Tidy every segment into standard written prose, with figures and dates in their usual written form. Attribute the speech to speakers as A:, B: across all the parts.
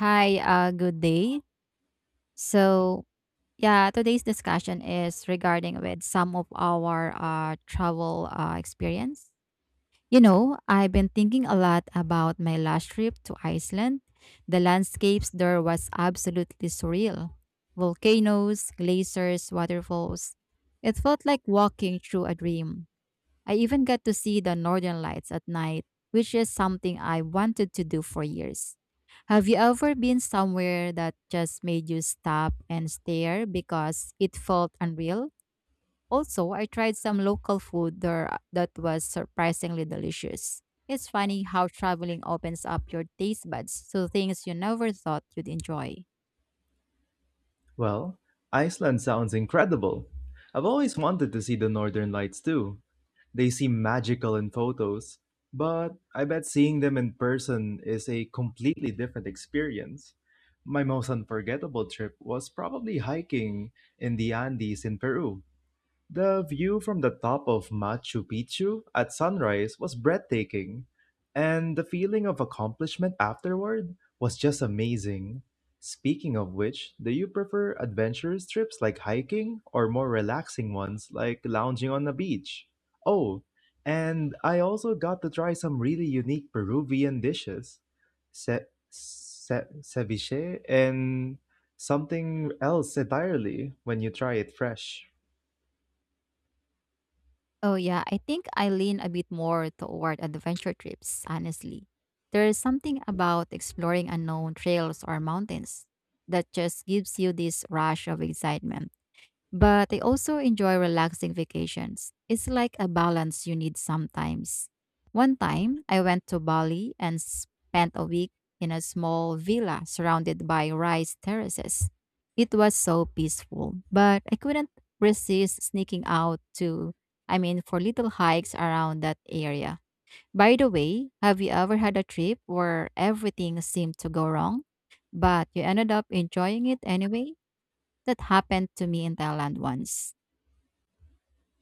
A: Hi, good day. So, yeah, today's discussion is regarding with some of our travel experience. I've been thinking a lot about my last trip to Iceland. The landscapes there was absolutely surreal. Volcanoes, glaciers, waterfalls. It felt like walking through a dream. I even got to see the northern lights at night, which is something I wanted to do for years. Have you ever been somewhere that just made you stop and stare because it felt unreal? Also, I tried some local food there that was surprisingly delicious. It's funny how traveling opens up your taste buds to things you never thought you'd enjoy.
B: Well, Iceland sounds incredible. I've always wanted to see the northern lights too. They seem magical in photos, but I bet seeing them in person is a completely different experience. My most unforgettable trip was probably hiking in the Andes in Peru. The view from the top of Machu Picchu at sunrise was breathtaking, and the feeling of accomplishment afterward was just amazing. Speaking of which, do you prefer adventurous trips like hiking or more relaxing ones like lounging on a beach? Oh, and I also got to try some really unique Peruvian dishes. Ceviche and something else entirely when you try it fresh.
A: Oh, yeah, I think I lean a bit more toward adventure trips, honestly. There is something about exploring unknown trails or mountains that just gives you this rush of excitement. But I also enjoy relaxing vacations. It's like a balance you need sometimes. One time, I went to Bali and spent a week in a small villa surrounded by rice terraces. It was so peaceful, but I couldn't resist sneaking out for little hikes around that area. By the way, have you ever had a trip where everything seemed to go wrong, but you ended up enjoying it anyway? That happened to me in Thailand once.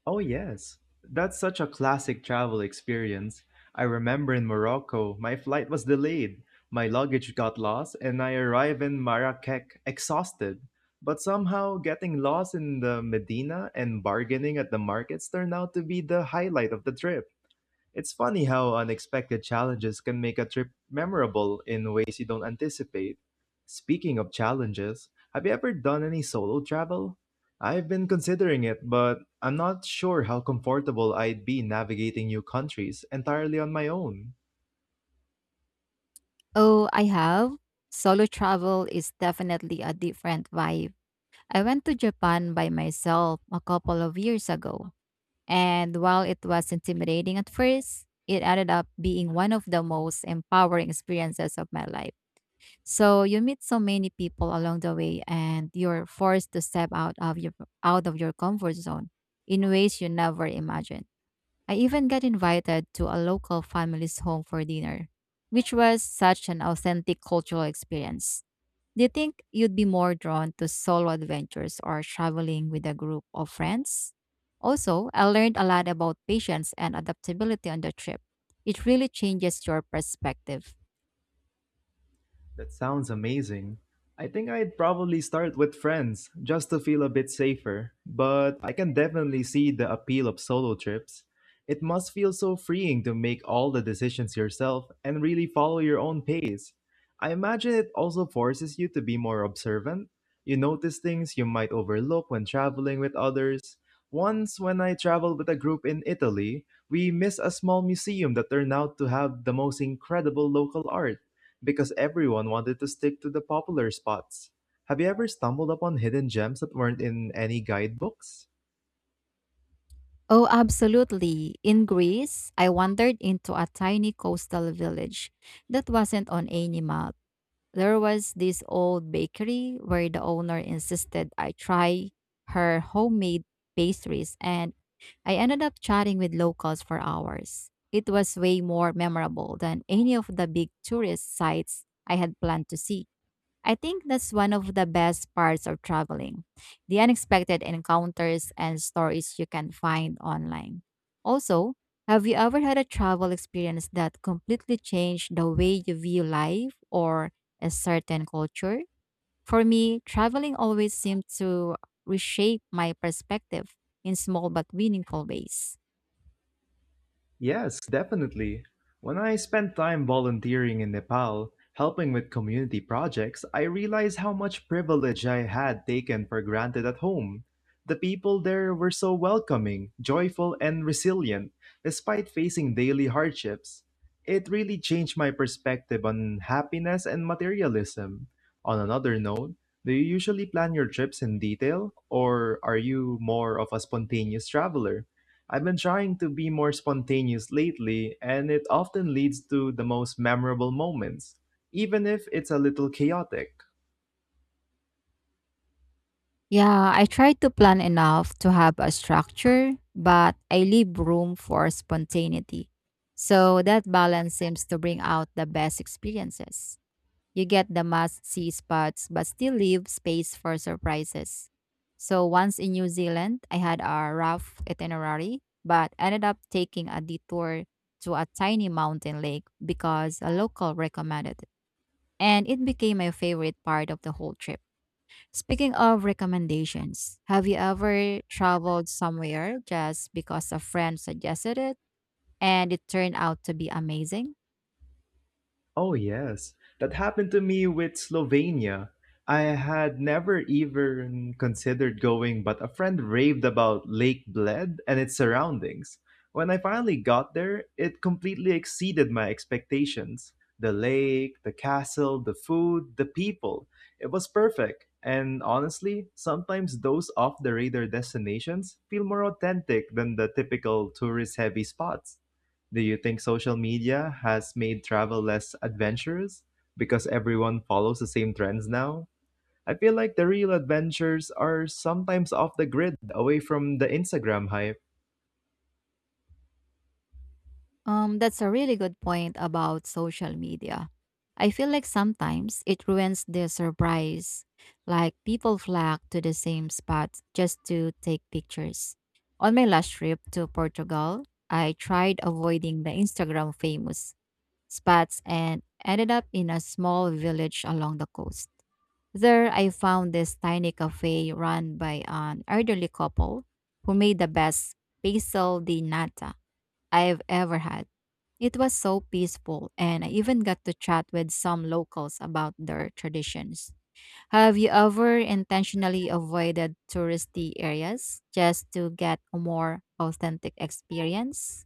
B: Oh, yes. That's such a classic travel experience. I remember in Morocco, my flight was delayed, my luggage got lost, and I arrived in Marrakech exhausted. But somehow, getting lost in the Medina and bargaining at the markets turned out to be the highlight of the trip. It's funny how unexpected challenges can make a trip memorable in ways you don't anticipate. Speaking of challenges, have you ever done any solo travel? I've been considering it, but I'm not sure how comfortable I'd be navigating new countries entirely on my own.
A: Oh, I have. Solo travel is definitely a different vibe. I went to Japan by myself a couple of years ago, and while it was intimidating at first, it ended up being one of the most empowering experiences of my life. So you meet so many people along the way and you're forced to step out of your comfort zone in ways you never imagined. I even got invited to a local family's home for dinner, which was such an authentic cultural experience. Do you think you'd be more drawn to solo adventures or traveling with a group of friends? Also, I learned a lot about patience and adaptability on the trip. It really changes your perspective.
B: That sounds amazing. I think I'd probably start with friends just to feel a bit safer, but I can definitely see the appeal of solo trips. It must feel so freeing to make all the decisions yourself and really follow your own pace. I imagine it also forces you to be more observant. You notice things you might overlook when traveling with others. Once, when I traveled with a group in Italy, we missed a small museum that turned out to have the most incredible local art because everyone wanted to stick to the popular spots. Have you ever stumbled upon hidden gems that weren't in any guidebooks?
A: Oh, absolutely. In Greece, I wandered into a tiny coastal village that wasn't on any map. There was this old bakery where the owner insisted I try her homemade pastries, and I ended up chatting with locals for hours. It was way more memorable than any of the big tourist sites I had planned to see. I think that's one of the best parts of traveling, the unexpected encounters and stories you can find online. Also, have you ever had a travel experience that completely changed the way you view life or a certain culture? For me, traveling always seemed to reshape my perspective in small but meaningful ways.
B: Yes, definitely. When I spent time volunteering in Nepal, helping with community projects, I realized how much privilege I had taken for granted at home. The people there were so welcoming, joyful, and resilient, despite facing daily hardships. It really changed my perspective on happiness and materialism. On another note, do you usually plan your trips in detail, or are you more of a spontaneous traveler? I've been trying to be more spontaneous lately, and it often leads to the most memorable moments, even if it's a little chaotic.
A: Yeah, I try to plan enough to have a structure, but I leave room for spontaneity. So that balance seems to bring out the best experiences. You get the must see spots, but still leave space for surprises. So once in New Zealand, I had a rough itinerary, but ended up taking a detour to a tiny mountain lake because a local recommended it. And it became my favorite part of the whole trip. Speaking of recommendations, have you ever traveled somewhere just because a friend suggested it and it turned out to be amazing?
B: Oh, yes. That happened to me with Slovenia. I had never even considered going, but a friend raved about Lake Bled and its surroundings. When I finally got there, it completely exceeded my expectations. The lake, the castle, the food, the people. It was perfect. And honestly, sometimes those off the radar destinations feel more authentic than the typical tourist heavy spots. Do you think social media has made travel less adventurous because everyone follows the same trends now? I feel like the real adventures are sometimes off the grid, away from the Instagram hype.
A: That's a really good point about social media. I feel like sometimes it ruins the surprise, like people flock to the same spot just to take pictures. On my last trip to Portugal, I tried avoiding the Instagram famous spots and ended up in a small village along the coast. There, I found this tiny cafe run by an elderly couple who made the best basil di nata I've ever had. It was so peaceful, and I even got to chat with some locals about their traditions. Have you ever intentionally avoided touristy areas just to get a more authentic experience?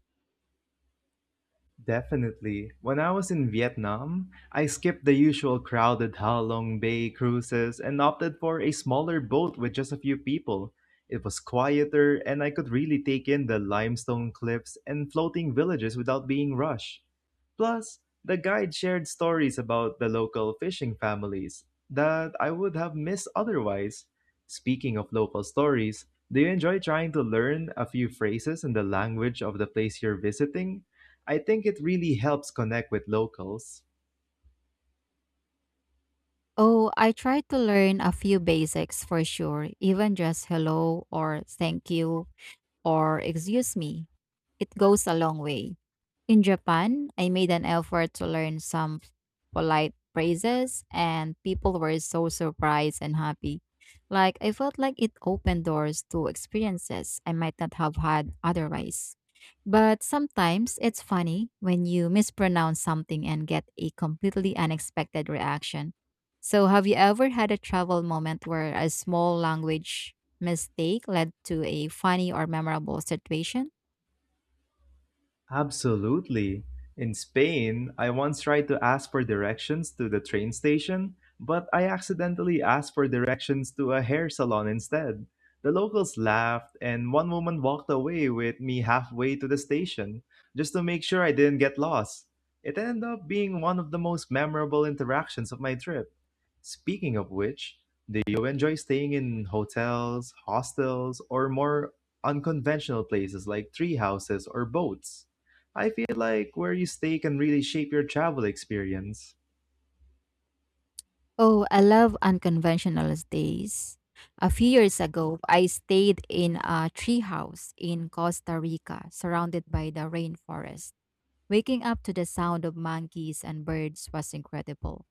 B: Definitely. When I was in Vietnam, I skipped the usual crowded Ha Long Bay cruises and opted for a smaller boat with just a few people. It was quieter, and I could really take in the limestone cliffs and floating villages without being rushed. Plus, the guide shared stories about the local fishing families that I would have missed otherwise. Speaking of local stories, do you enjoy trying to learn a few phrases in the language of the place you're visiting? I think it really helps connect with locals.
A: Oh, I try to learn a few basics for sure, even just hello or thank you or excuse me. It goes a long way. In Japan, I made an effort to learn some polite phrases, and people were so surprised and happy. Like, I felt like it opened doors to experiences I might not have had otherwise. But sometimes it's funny when you mispronounce something and get a completely unexpected reaction. So, have you ever had a travel moment where a small language mistake led to a funny or memorable situation?
B: Absolutely. In Spain, I once tried to ask for directions to the train station, but I accidentally asked for directions to a hair salon instead. The locals laughed, and one woman walked away with me halfway to the station just to make sure I didn't get lost. It ended up being one of the most memorable interactions of my trip. Speaking of which, do you enjoy staying in hotels, hostels, or more unconventional places like tree houses or boats? I feel like where you stay can really shape your travel experience.
A: Oh, I love unconventional stays. A few years ago, I stayed in a treehouse in Costa Rica, surrounded by the rainforest. Waking up to the sound of monkeys and birds was incredible,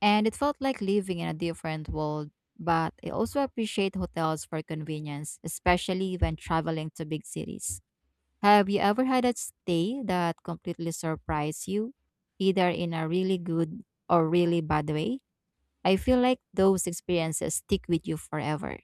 A: and it felt like living in a different world. But I also appreciate hotels for convenience, especially when traveling to big cities. Have you ever had a stay that completely surprised you, either in a really good or really bad way? I feel like those experiences stick with you forever.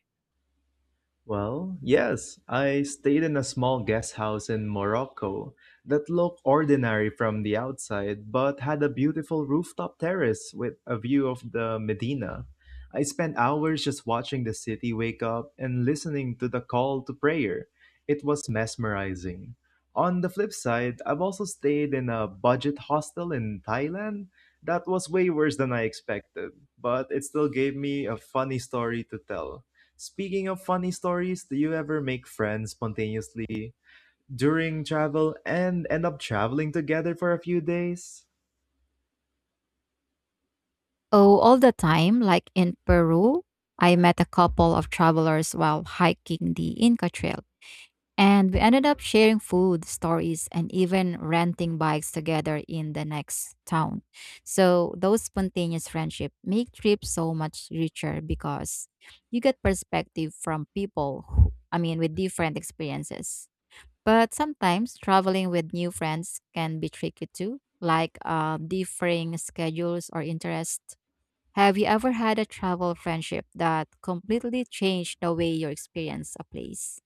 B: Well, yes, I stayed in a small guest house in Morocco that looked ordinary from the outside but had a beautiful rooftop terrace with a view of the Medina. I spent hours just watching the city wake up and listening to the call to prayer. It was mesmerizing. On the flip side, I've also stayed in a budget hostel in Thailand that was way worse than I expected, but it still gave me a funny story to tell. Speaking of funny stories, do you ever make friends spontaneously during travel and end up traveling together for a few days?
A: Oh, all the time. Like in Peru, I met a couple of travelers while hiking the Inca Trail, and we ended up sharing food, stories, and even renting bikes together in the next town. So, those spontaneous friendships make trips so much richer because you get perspective from people with different experiences. But sometimes traveling with new friends can be tricky too, like differing schedules or interests. Have you ever had a travel friendship that completely changed the way you experience a place?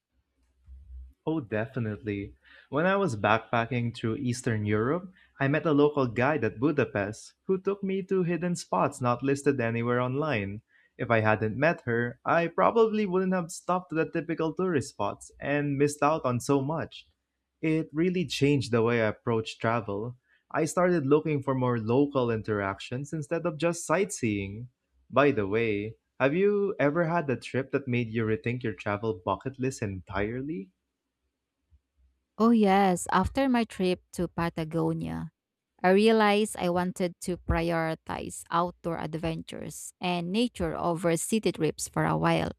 B: Oh, definitely. When I was backpacking through Eastern Europe, I met a local guide at Budapest who took me to hidden spots not listed anywhere online. If I hadn't met her, I probably wouldn't have stopped at the typical tourist spots and missed out on so much. It really changed the way I approached travel. I started looking for more local interactions instead of just sightseeing. By the way, have you ever had a trip that made you rethink your travel bucket list entirely?
A: Oh, yes. After my trip to Patagonia, I realized I wanted to prioritize outdoor adventures and nature over city trips for a while.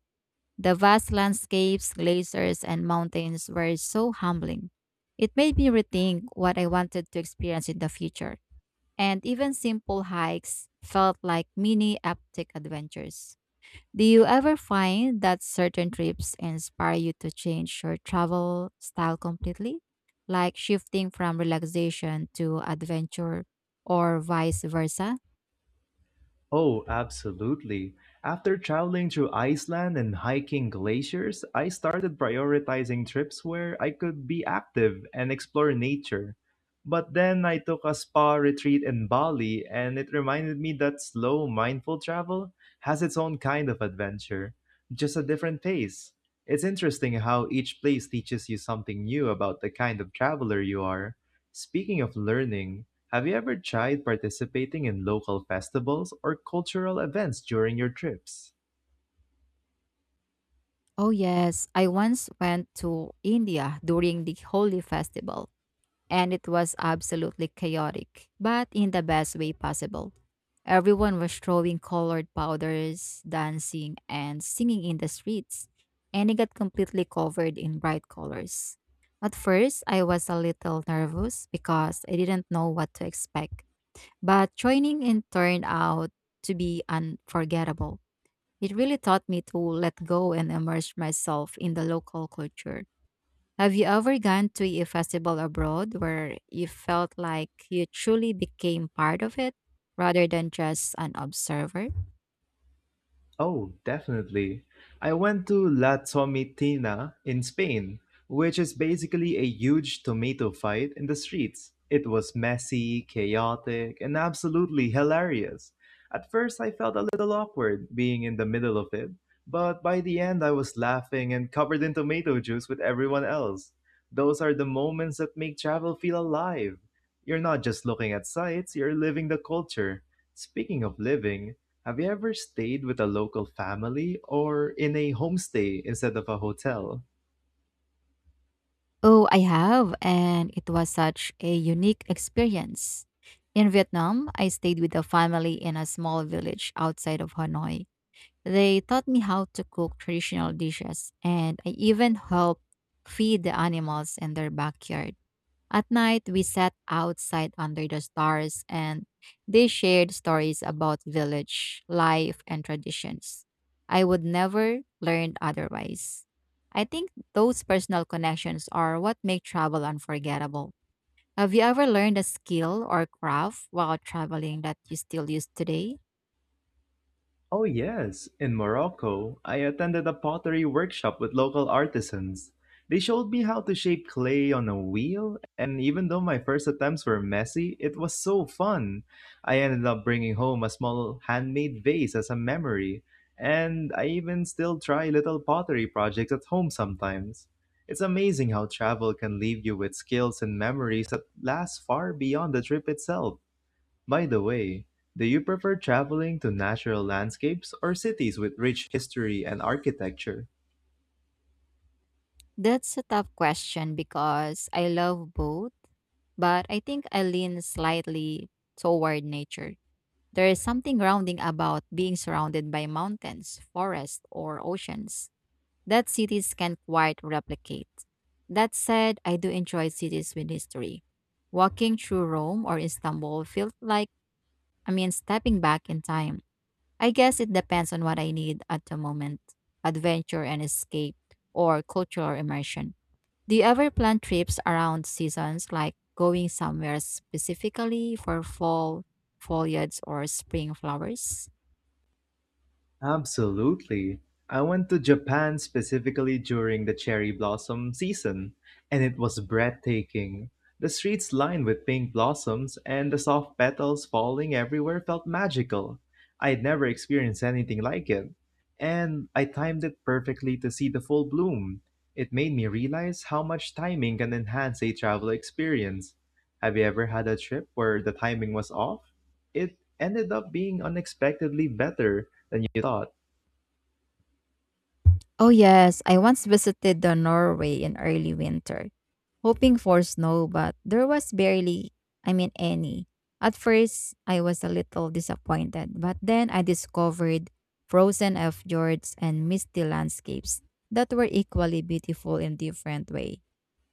A: The vast landscapes, glaciers, and mountains were so humbling. It made me rethink what I wanted to experience in the future. And even simple hikes felt like mini epic adventures. Do you ever find that certain trips inspire you to change your travel style completely? Like shifting from relaxation to adventure or vice versa?
B: Oh, absolutely. After traveling through Iceland and hiking glaciers, I started prioritizing trips where I could be active and explore nature. But then I took a spa retreat in Bali, and it reminded me that slow, mindful travel has its own kind of adventure, just a different pace. It's interesting how each place teaches you something new about the kind of traveler you are. Speaking of learning, have you ever tried participating in local festivals or cultural events during your trips?
A: Oh, yes. I once went to India during the Holy Festival, and it was absolutely chaotic, but in the best way possible. Everyone was throwing colored powders, dancing, and singing in the streets, and it got completely covered in bright colors. At first, I was a little nervous because I didn't know what to expect, but joining in turned out to be unforgettable. It really taught me to let go and immerse myself in the local culture. Have you ever gone to a festival abroad where you felt like you truly became part of it rather than just an observer?
B: Oh, definitely. I went to La Tomitina in Spain, which is basically a huge tomato fight in the streets. It was messy, chaotic, and absolutely hilarious. At first, I felt a little awkward being in the middle of it, but by the end, I was laughing and covered in tomato juice with everyone else. Those are the moments that make travel feel alive. You're not just looking at sights, you're living the culture. Speaking of living, have you ever stayed with a local family or in a homestay instead of a hotel?
A: Oh, I have, and it was such a unique experience. In Vietnam, I stayed with a family in a small village outside of Hanoi. They taught me how to cook traditional dishes, and I even helped feed the animals in their backyard. At night, we sat outside under the stars and they shared stories about village life and traditions. I would never learn otherwise. I think those personal connections are what make travel unforgettable. Have you ever learned a skill or craft while traveling that you still use today?
B: Oh, yes. In Morocco, I attended a pottery workshop with local artisans. They showed me how to shape clay on a wheel, and even though my first attempts were messy, it was so fun. I ended up bringing home a small handmade vase as a memory, and I even still try little pottery projects at home sometimes. It's amazing how travel can leave you with skills and memories that last far beyond the trip itself. By the way, do you prefer traveling to natural landscapes or cities with rich history and architecture?
A: That's a tough question because I love both, but I think I lean slightly toward nature. There is something grounding about being surrounded by mountains, forests, or oceans that cities can't quite replicate. That said, I do enjoy cities with history. Walking through Rome or Istanbul felt like stepping back in time. I guess it depends on what I need at the moment, adventure and escape, or cultural immersion. Do you ever plan trips around seasons, like going somewhere specifically for fall foliage or spring flowers?
B: Absolutely. I went to Japan specifically during the cherry blossom season, and it was breathtaking. The streets lined with pink blossoms and the soft petals falling everywhere felt magical. I had never experienced anything like it, and I timed it perfectly to see the full bloom. It made me realize how much timing can enhance a travel experience. Have you ever had a trip where the timing was off? It ended up being unexpectedly better then you thought.
A: Oh, yes, I once visited the Norway in early winter, hoping for snow, but there was barely any. At first, I was a little disappointed, but then I discovered frozen fjords and misty landscapes that were equally beautiful in different way.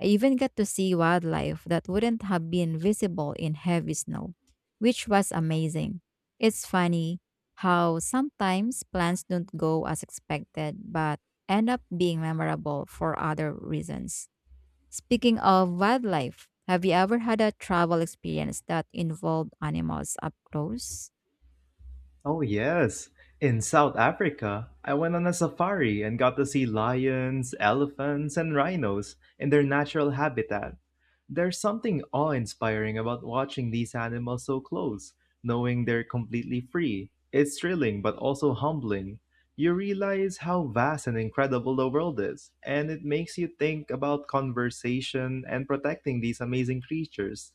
A: I even got to see wildlife that wouldn't have been visible in heavy snow, which was amazing. It's funny how sometimes plans don't go as expected but end up being memorable for other reasons. Speaking of wildlife, have you ever had a travel experience that involved animals up close?
B: Oh yes, in South Africa, I went on a safari and got to see lions, elephants, and rhinos in their natural habitat. There's something awe inspiring about watching these animals so close, knowing they're completely free. It's thrilling but also humbling. You realize how vast and incredible the world is, and it makes you think about conservation and protecting these amazing creatures.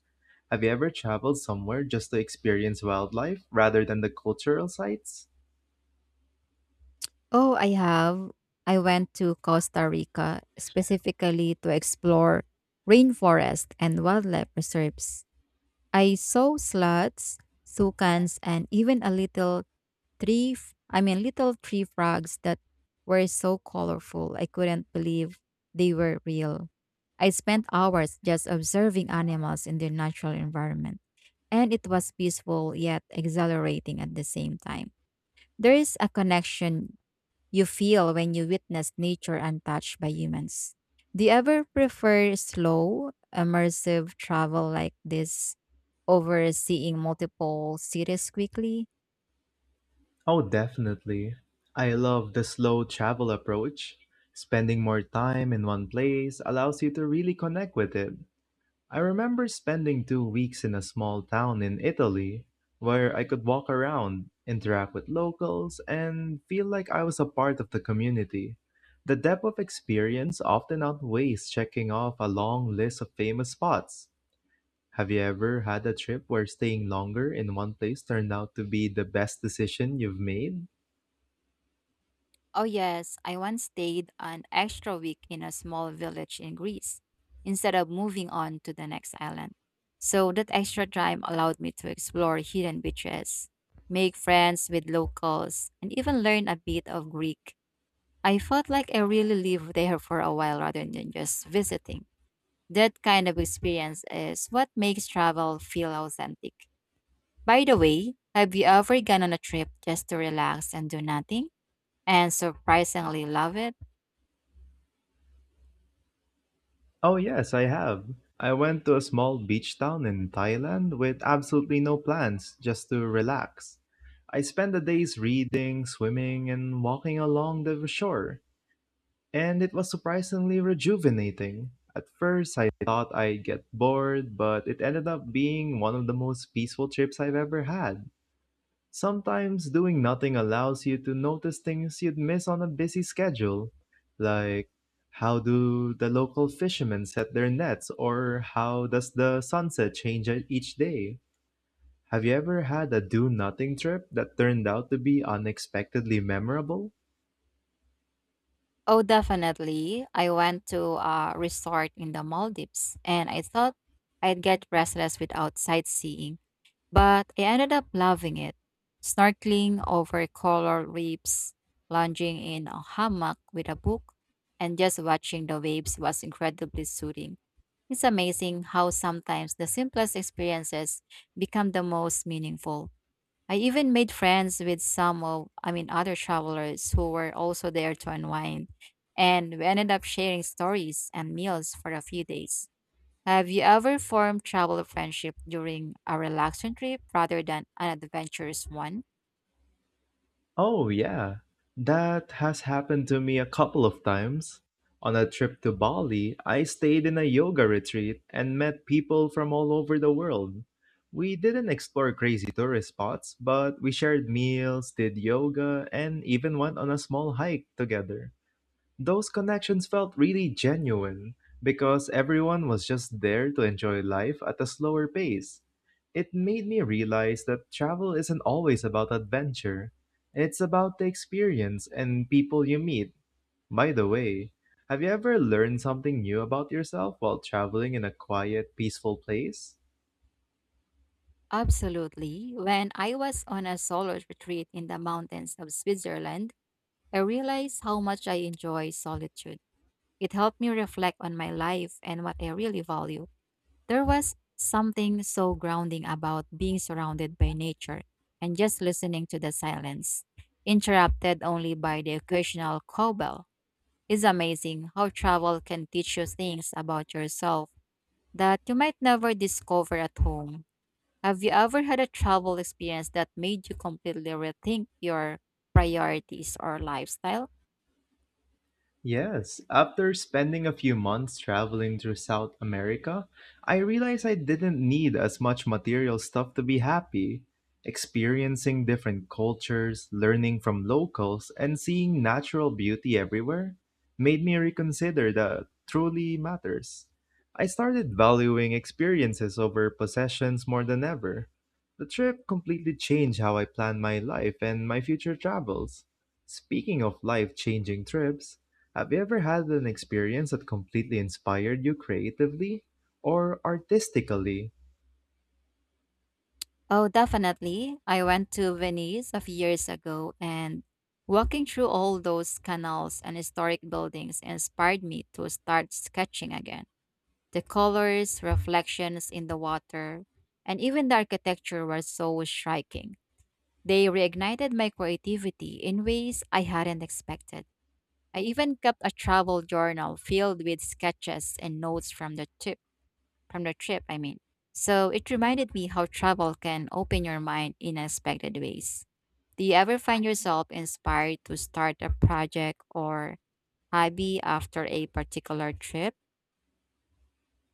B: Have you ever traveled somewhere just to experience wildlife rather than the cultural sites?
A: Oh, I have. I went to Costa Rica specifically to explore rainforest and wildlife reserves. I saw sloths, toucans, and even a little Three, f- I mean, little tree frogs that were so colorful, I couldn't believe they were real. I spent hours just observing animals in their natural environment, and it was peaceful yet exhilarating at the same time. There is a connection you feel when you witness nature untouched by humans. Do you ever prefer slow, immersive travel like this over seeing multiple cities quickly?
B: Oh, definitely. I love the slow travel approach. Spending more time in one place allows you to really connect with it. I remember spending 2 weeks in a small town in Italy where I could walk around, interact with locals, and feel like I was a part of the community. The depth of experience often outweighs checking off a long list of famous spots. Have you ever had a trip where staying longer in one place turned out to be the best decision you've made?
A: Oh, yes, I once stayed an extra week in a small village in Greece instead of moving on to the next island. So that extra time allowed me to explore hidden beaches, make friends with locals, and even learn a bit of Greek. I felt like I really lived there for a while rather than just visiting. That kind of experience is what makes travel feel authentic. By the way, have you ever gone on a trip just to relax and do nothing and surprisingly love it?
B: Oh, yes, I have. I went to a small beach town in Thailand with absolutely no plans, just to relax. I spent the days reading, swimming, and walking along the shore, and it was surprisingly rejuvenating. At first, I thought I'd get bored, but it ended up being one of the most peaceful trips I've ever had. Sometimes doing nothing allows you to notice things you'd miss on a busy schedule, like how do the local fishermen set their nets or how does the sunset change each day? Have you ever had a do nothing trip that turned out to be unexpectedly memorable?
A: Oh, definitely. I went to a resort in the Maldives and I thought I'd get restless without sightseeing, but I ended up loving it. Snorkeling over coral reefs, lounging in a hammock with a book, and just watching the waves was incredibly soothing. It's amazing how sometimes the simplest experiences become the most meaningful. I even made friends with some of, I mean, other travelers who were also there to unwind. And we ended up sharing stories and meals for a few days. Have you ever formed travel friendship during a relaxing trip rather than an adventurous one?
B: Oh, yeah. That has happened to me a couple of times. On a trip to Bali, I stayed in a yoga retreat and met people from all over the world. We didn't explore crazy tourist spots, but we shared meals, did yoga, and even went on a small hike together. Those connections felt really genuine because everyone was just there to enjoy life at a slower pace. It made me realize that travel isn't always about adventure. It's about the experience and people you meet. By the way, have you ever learned something new about yourself while traveling in a quiet, peaceful place?
A: Absolutely. When I was on a solo retreat in the mountains of Switzerland, I realized how much I enjoy solitude. It helped me reflect on my life and what I really value. There was something so grounding about being surrounded by nature and just listening to the silence, interrupted only by the occasional cowbell. It's amazing how travel can teach you things about yourself that you might never discover at home. Have you ever had a travel experience that made you completely rethink your priorities or lifestyle?
B: Yes, after spending a few months traveling through South America, I realized I didn't need as much material stuff to be happy. Experiencing different cultures, learning from locals, and seeing natural beauty everywhere made me reconsider that truly matters. I started valuing experiences over possessions more than ever. The trip completely changed how I plan my life and my future travels. Speaking of life changing trips, have you ever had an experience that completely inspired you creatively or artistically?
A: Oh, definitely. I went to Venice a few years ago and walking through all those canals and historic buildings inspired me to start sketching again. The colors, reflections in the water, and even the architecture were so striking. They reignited my creativity in ways I hadn't expected. I even kept a travel journal filled with sketches and notes from the trip, I mean. So it reminded me how travel can open your mind in unexpected ways. Do you ever find yourself inspired to start a project or hobby after a particular trip?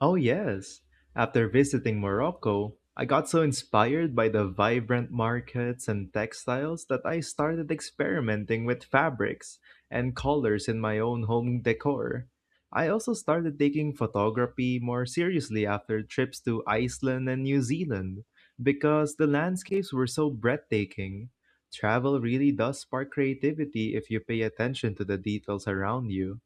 B: Oh, yes. After visiting Morocco, I got so inspired by the vibrant markets and textiles that I started experimenting with fabrics and colors in my own home decor. I also started taking photography more seriously after trips to Iceland and New Zealand because the landscapes were so breathtaking. Travel really does spark creativity if you pay attention to the details around you.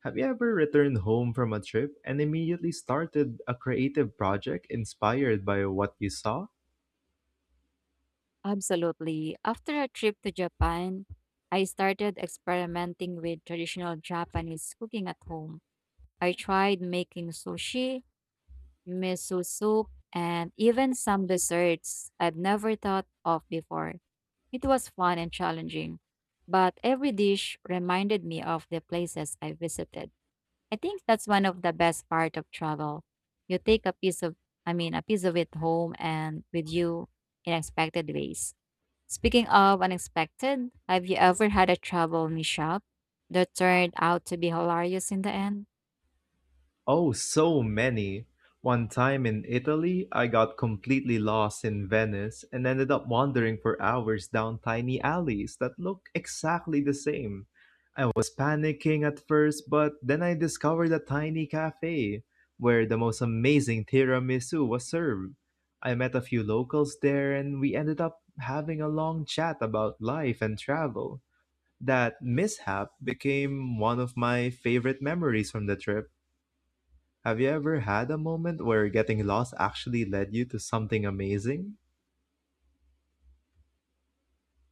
B: Have you ever returned home from a trip and immediately started a creative project inspired by what you saw?
A: Absolutely. After a trip to Japan, I started experimenting with traditional Japanese cooking at home. I tried making sushi, miso soup, and even some desserts I'd never thought of before. It was fun and challenging, but every dish reminded me of the places I visited. I think that's one of the best part of travel. You take a piece of I mean a piece of it home and with you in unexpected ways. Speaking of unexpected, have you ever had a travel mishap that turned out to be hilarious in the end?
B: Oh, so many. One time in Italy, I got completely lost in Venice and ended up wandering for hours down tiny alleys that look exactly the same. I was panicking at first, but then I discovered a tiny cafe where the most amazing tiramisu was served. I met a few locals there and we ended up having a long chat about life and travel. That mishap became one of my favorite memories from the trip. Have you ever had a moment where getting lost actually led you to something amazing?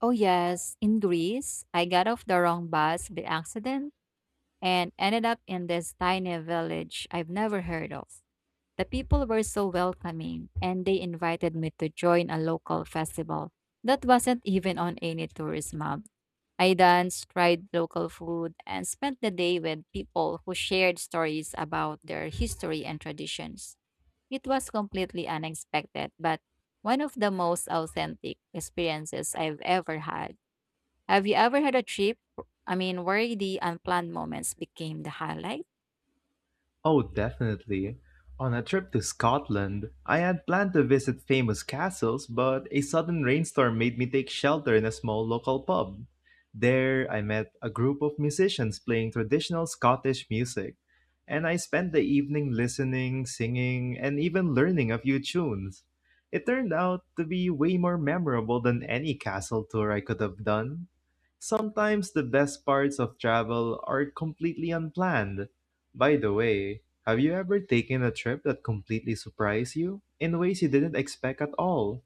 A: Oh yes, in Greece, I got off the wrong bus by accident and ended up in this tiny village I've never heard of. The people were so welcoming, and they invited me to join a local festival that wasn't even on any tourist map. I danced, tried local food, and spent the day with people who shared stories about their history and traditions. It was completely unexpected, but one of the most authentic experiences I've ever had. Have you ever had a trip? I mean, where the unplanned moments became the highlight?
B: Oh, definitely. On a trip to Scotland, I had planned to visit famous castles, but a sudden rainstorm made me take shelter in a small local pub. There, I met a group of musicians playing traditional Scottish music, and I spent the evening listening, singing, and even learning a few tunes. It turned out to be way more memorable than any castle tour I could have done. Sometimes the best parts of travel are completely unplanned. By the way, have you ever taken a trip that completely surprised you in ways you didn't expect at all?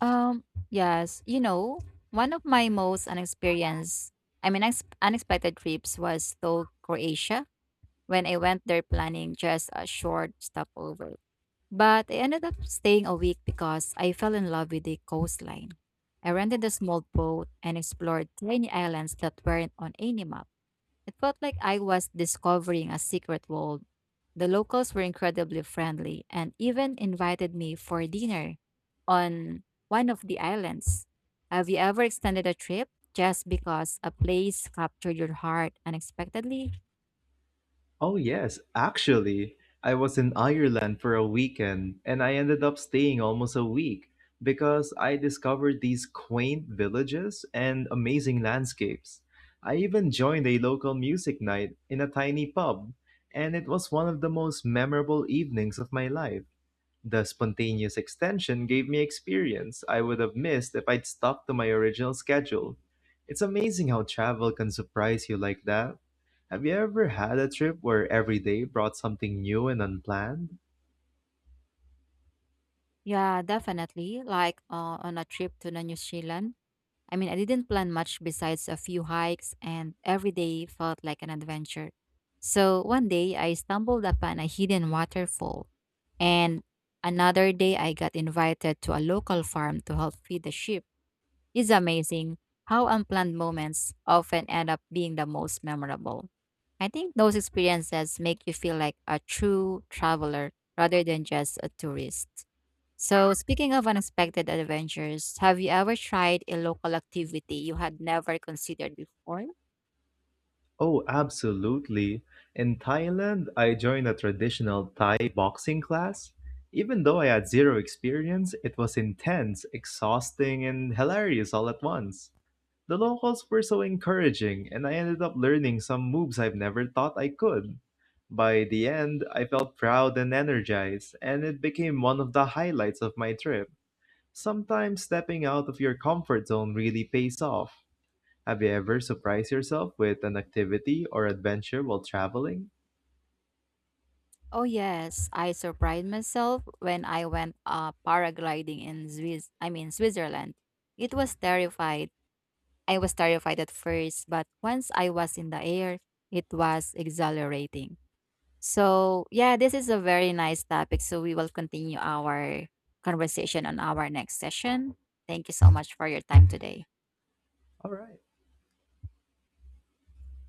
A: Um, yes, you know, one of my most unexperienced, I mean, ex- unexpected trips was to Croatia when I went there planning just a short stopover. But I ended up staying a week because I fell in love with the coastline. I rented a small boat and explored tiny islands that weren't on any map. It felt like I was discovering a secret world. The locals were incredibly friendly and even invited me for dinner on one of the islands. Have you ever extended a trip just because a place captured your heart unexpectedly?
B: Oh, yes, actually. I was in Ireland for a weekend and I ended up staying almost a week because I discovered these quaint villages and amazing landscapes. I even joined a local music night in a tiny pub, and it was one of the most memorable evenings of my life. The spontaneous extension gave me experience I would have missed if I'd stuck to my original schedule. It's amazing how travel can surprise you like that. Have you ever had a trip where every day brought something new and unplanned?
A: Yeah, definitely. On a trip to the New Zealand, I didn't plan much besides a few hikes, and every day felt like an adventure. So one day I stumbled upon a hidden waterfall, and another day I got invited to a local farm to help feed the sheep. It's amazing how unplanned moments often end up being the most memorable. I think those experiences make you feel like a true traveler rather than just a tourist. So, speaking of unexpected adventures, have you ever tried a local activity you had never considered before?
B: Oh, absolutely. In Thailand, I joined a traditional Thai boxing class. Even though I had zero experience, it was intense, exhausting, and hilarious all at once. The locals were so encouraging, and I ended up learning some moves I've never thought I could. By the end, I felt proud and energized, and it became one of the highlights of my trip. Sometimes stepping out of your comfort zone really pays off. Have you ever surprised yourself with an activity or adventure while traveling?
A: Oh, yes. I surprised myself when I went paragliding in Switzerland. It was terrifying I was terrified at first, but once I was in the air, it was exhilarating. So, yeah, this is a very nice topic. So, we will continue our conversation on our next session. Thank you so much for your time today.
B: All right.